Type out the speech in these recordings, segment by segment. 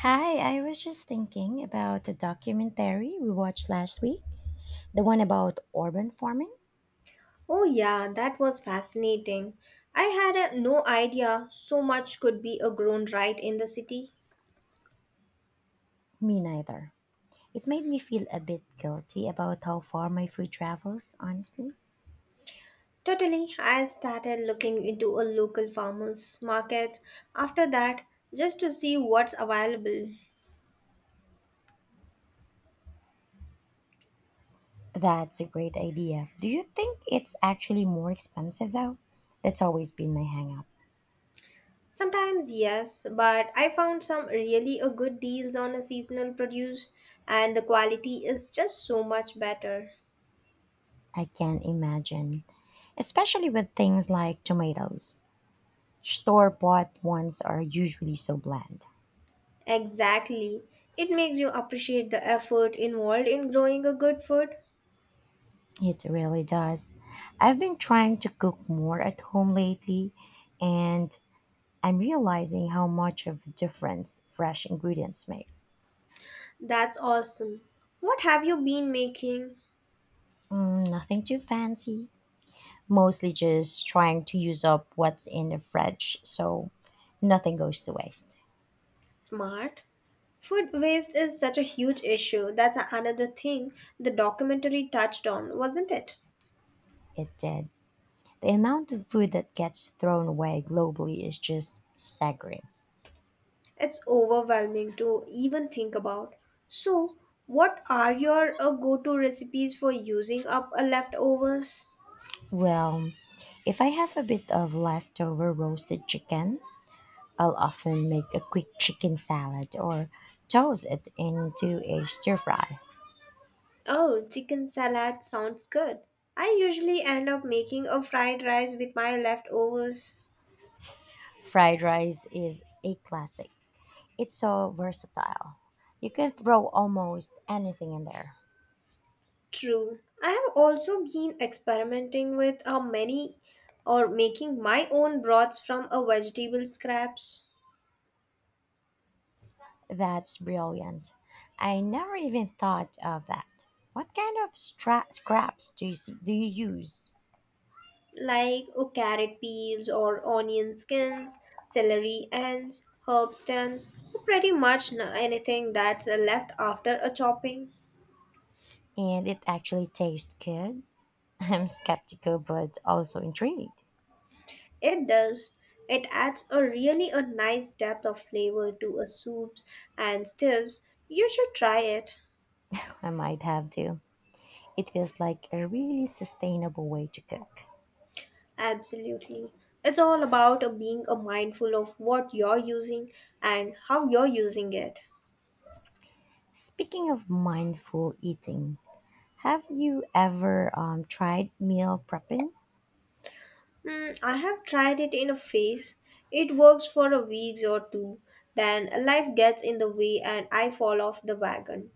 Hi, I was just thinking about the documentary we watched last week, the one about urban farming. Oh, yeah, that was fascinating. I had no idea so much could be a grown right in the city. Me neither. It made me feel a bit guilty about how far my food travels, honestly. Totally, I started looking into a local farmers market after that just to see what's available. That's a great idea. Do you think it's actually more expensive though? That's always been my hang up. Sometimes yes, but I found some really a good deals on a seasonal produce, and the quality is just so much better. I can't imagine. Especially with things like tomatoes. Store bought ones are usually so bland. Exactly. It makes you appreciate the effort involved in growing a good food. It really does. I've been trying to cook more at home lately, and I'm realizing how much of a difference fresh ingredients make. That's awesome. What have you been making? Mm, nothing too fancy, mostly just trying to use up what's in the fridge so nothing goes to waste. Smart. Food waste is such a huge issue. Another thing the documentary touched on, wasn't it? It did. The amount of food that gets thrown away globally is just staggering. It's overwhelming to even think about. So, what are your go to recipes for using up leftovers? Well, if I have a bit of leftover roasted chicken, I'll often make a quick chicken salad or toss it into a stir fry. Oh, chicken salad sounds good. I usually end up making a fried rice with my leftovers. Fried rice is a classic. It's so versatile. You can throw almost anything in there. True. I have also been experimenting with how many or making my own broths from a vegetable scraps That's brilliant. I never even thought of that. What kind of scraps do you use? like oh, carrot peels or onion skins, celery ends, herb stems, pretty much anything that's left after a chopping. And it actually tastes good? I'm skeptical but also intrigued. It does. It adds a really a nice depth of flavor to a soups and stews. You should try it. I might have to. It feels like a really sustainable way to cook. Absolutely. It's all about being mindful of what you're using and how you're using it. Speaking of mindful eating, have you ever tried meal prepping? Hmm, I have tried it in a phase. It works for a week or two, then life gets in the way and I fall off the wagon.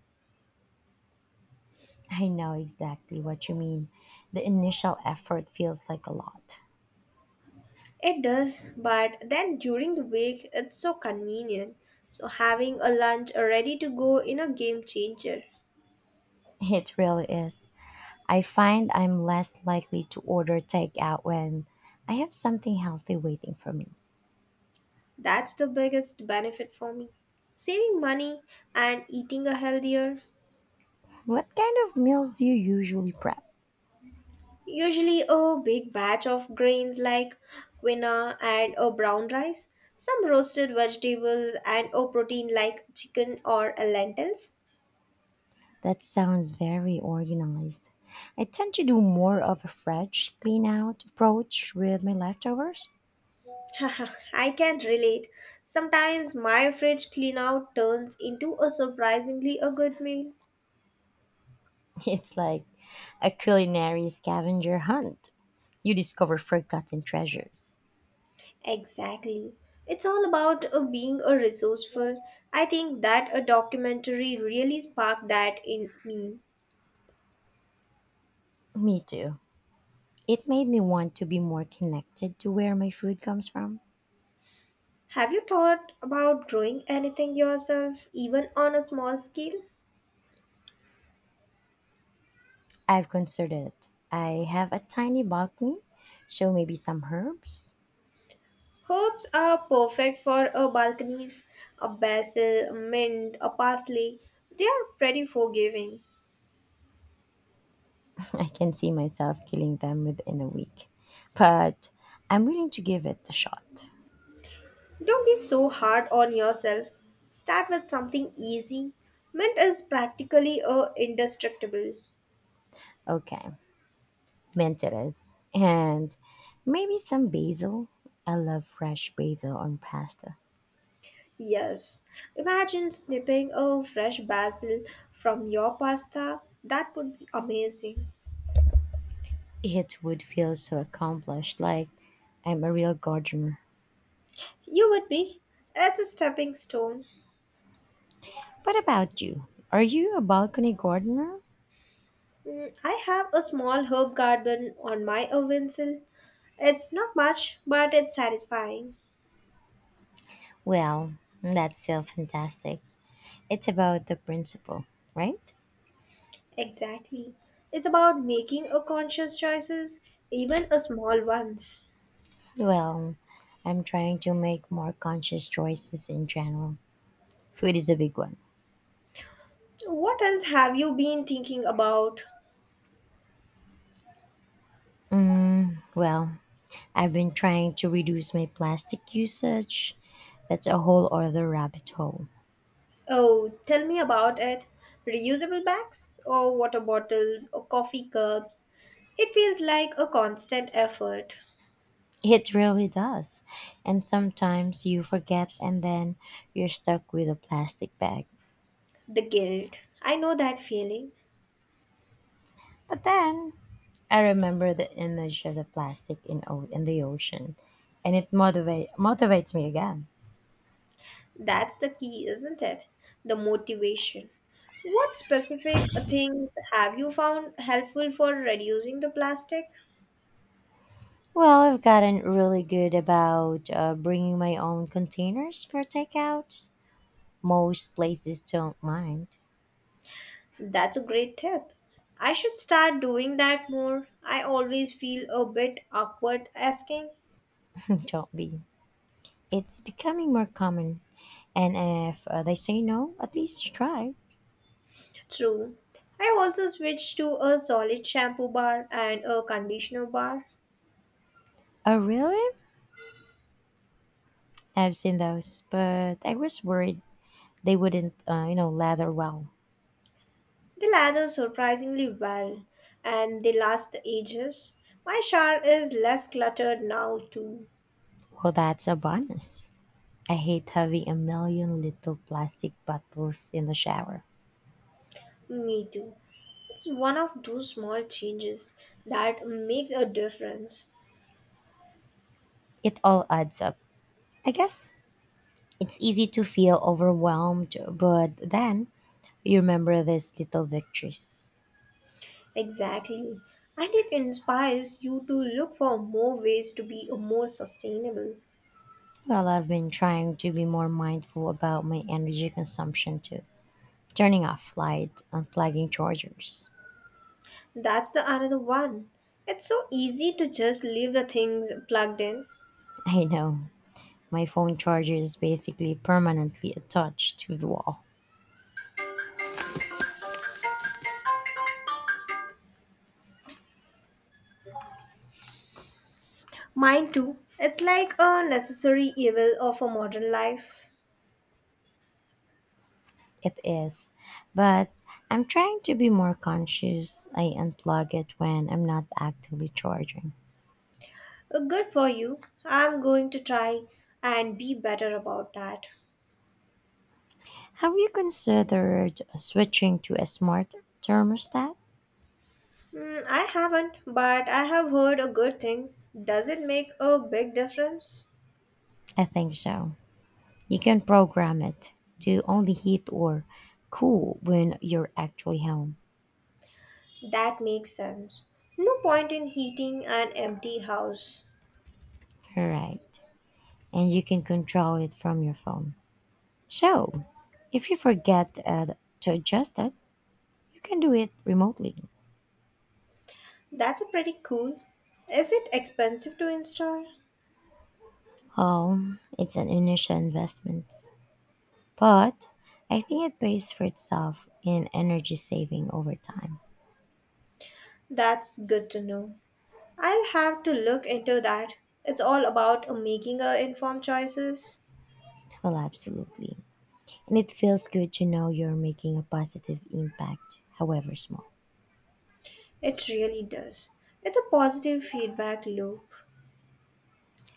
I know exactly what you mean. The initial effort feels like a lot. It does, but then during the week, it's so convenient. So having a lunch ready to go in a game changer. It really is. I find I'm less likely to order takeout when I have something healthy waiting for me. That's the biggest benefit for me. Saving money and eating a healthier. What kind of meals do you usually prep? Usually a big batch of grains like quinoa and a brown rice, some roasted vegetables and a protein like chicken or a lentils. That sounds very organized. I tend to do more of a fresh clean out approach with my leftovers. Haha, I can relate. Sometimes my fridge clean out turns into a surprisingly a good meal. It's like a culinary scavenger hunt. You discover forgotten treasures. Exactly. It's all about being a resourceful. I think that a documentary really sparked that in me. Me too. It made me want to be more connected to where my food comes from. Have you thought about growing anything yourself, even on a small scale? I've considered it. I have a tiny balcony, so maybe some herbs. Herbs are perfect for a balconies, a basil, mint, a parsley. They are pretty forgiving. I can see myself killing them within a week. But I'm willing to give it a shot. Don't be so hard on yourself. Start with something easy. Mint is practically a indestructible. Okay, mint it is. And maybe some basil. I love fresh basil on pasta. Yes. Imagine snipping a fresh basil from your pasta. That would be amazing. It would feel so accomplished, like I'm a real gardener. You would be. That's a stepping stone. What about you? Are you a balcony gardener? Mm, I have a small herb garden on my oven sill. It's not much, but it's satisfying. Well, that's still fantastic. It's about the principle, right? Exactly. It's about making a conscious choices, even a small ones. Well, I'm trying to make more conscious choices in general. Food is a big one. What else have you been thinking about? Well, I've been trying to reduce my plastic usage. That's a whole other rabbit hole. Oh, tell me about it. Reusable bags or water bottles or coffee cups. It feels like a constant effort. It really does. And sometimes you forget and then you're stuck with a plastic bag. The guilt. I know that feeling. But then I remember the image of the plastic in the ocean and it motivates me again. That's the key, isn't it? The motivation. What specific things have you found helpful for reducing the plastic? Well, I've gotten really good about bringing my own containers for takeout. Most places don't mind. That's a great tip. I should start doing that more. I always feel a bit awkward asking. don't be. It's becoming more common. And if they say no, at least try. True. I also switched to a solid shampoo bar and a conditioner bar. Oh, really? I've seen those, but I was worried they wouldn't, lather well. They lather surprisingly well and they last ages. My shower is less cluttered now, too. Well, that's a bonus. I hate having a million little plastic bottles in the shower. Me too. It's one of those small changes that makes a difference. It all adds up. I guess it's easy to feel overwhelmed, but then you remember these little victories. Exactly. And it inspires you to look for more ways to be more sustainable. Well, I've been trying to be more mindful about my energy consumption too. Turning off light, unplugging chargers. That's the another one. It's so easy to just leave the things plugged in. I know. My phone charger is basically permanently attached to the wall. Mine too. It's like a necessary evil of a modern life. It is. But I'm trying to be more conscious. I unplug it when I'm not actively charging. Good for you. I'm going to try and be better about that. Have you considered switching to a smart thermostat? Hmm, I haven't, but I have heard a good things. Does it make a big difference? I think so. You can program it to only heat or cool when you're actually home. That makes sense. No point in heating an empty house. All right. And you can control it from your phone. So, if you forget to adjust it, you can do it remotely. That's a pretty cool. Is it expensive to install? It's an initial investment, but I think it pays for itself in energy saving over time. That's good to know. I'll have to look into that. It's all about making informed choices. Well, absolutely. And it feels good to know you're making a positive impact, however small. It really does. It's a positive feedback loop.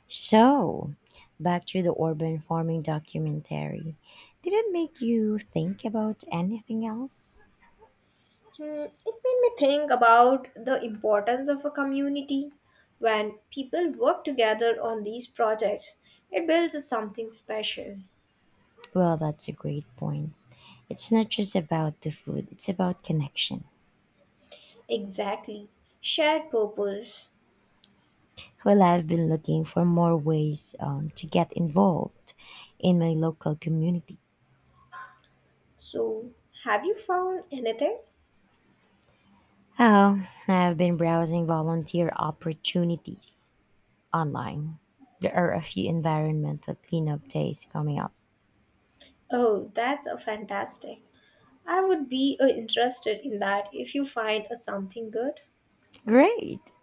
So, back to the urban farming documentary. Did it make you think about anything else? Hmm, it made me think about the importance of a community. When people work together on these projects, it builds something special. Well, that's a great point. It's not just about the food, it's about connection. Exactly. Shared purpose. Well, I've been looking for more ways to get involved in my local community. So, have you found anything? Oh, I've been browsing volunteer opportunities online. There are a few environmental cleanup days coming up. Oh, that's a fantastic. I would be interested in that if you find something good. Great!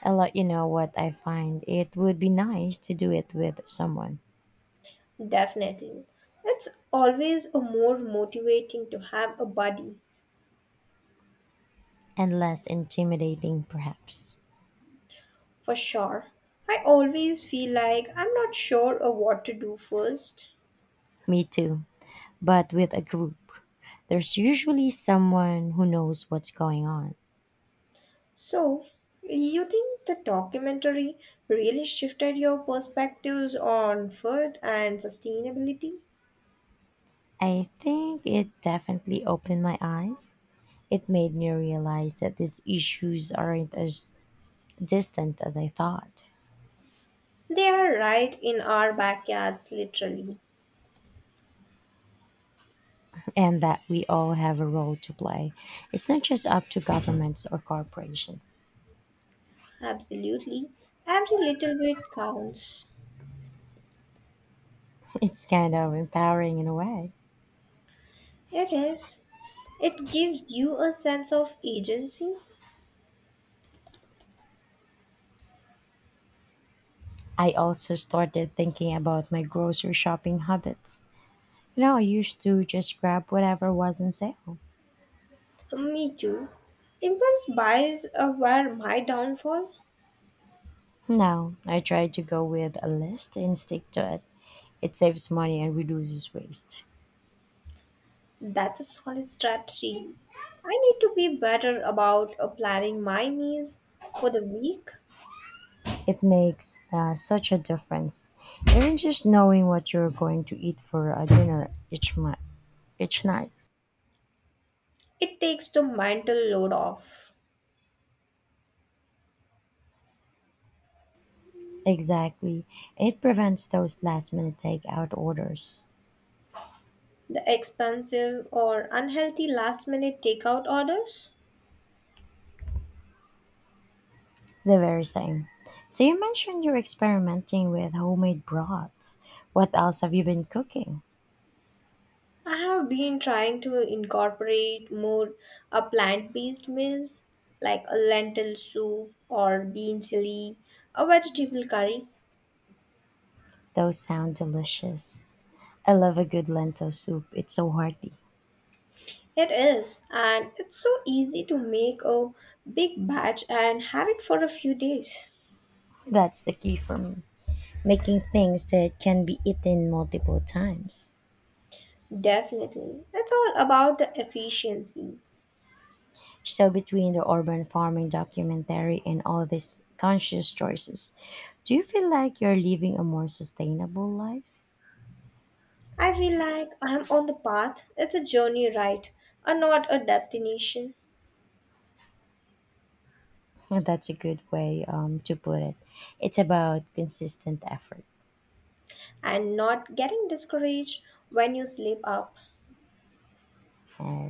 I'll let you know what I find. It would be nice to do it with someone Definitely. It's always a more motivating to have a buddy. and less intimidating, perhaps. For sure. I always feel like I'm not sure of what to do first. Me too, but with a group. There's usually someone who knows what's going on. So, you think the documentary really shifted your perspectives on food and sustainability? I think it definitely opened my eyes. It made me realize that these issues aren't as distant as I thought, They are right in our backyards, literally. and that we all have a role to play. It's not just up to governments or corporations. Absolutely. Every little bit counts. It's kind of empowering in a way. It is. It gives you a sense of agency. I also started thinking about my grocery shopping habits. You know, I used to just grab whatever was on sale. Me too. Impulse buys were my downfall. Now, I try to go with a list and stick to it. It saves money and reduces waste. That's a solid strategy. I need to be better about planning my meals for the week. It makes such a difference. Even just knowing what you're going to eat for a dinner each month. Each night. It takes the mental load off. Exactly. It prevents those last minute takeout orders. The expensive or unhealthy last minute takeout orders. The very same. So you mentioned you're experimenting with homemade broths. What else have you been cooking? I have been trying to incorporate more plant based meals like a lentil soup or bean chili, a vegetable curry. Those sound delicious. I love a good lentil soup. It's so hearty. It is, and it's so easy to make a big batch and have it for a few days. That's the key for me. Making things that can be eaten multiple times. Definitely. It's all about the efficiency. So between the urban farming documentary and all these conscious choices, do you feel like you're living a more sustainable life? I feel like I'm on the path. It's a journey, right? And not a destination. Well, that's a good way to put it. It's about consistent effort. And not getting discouraged when you slip up. All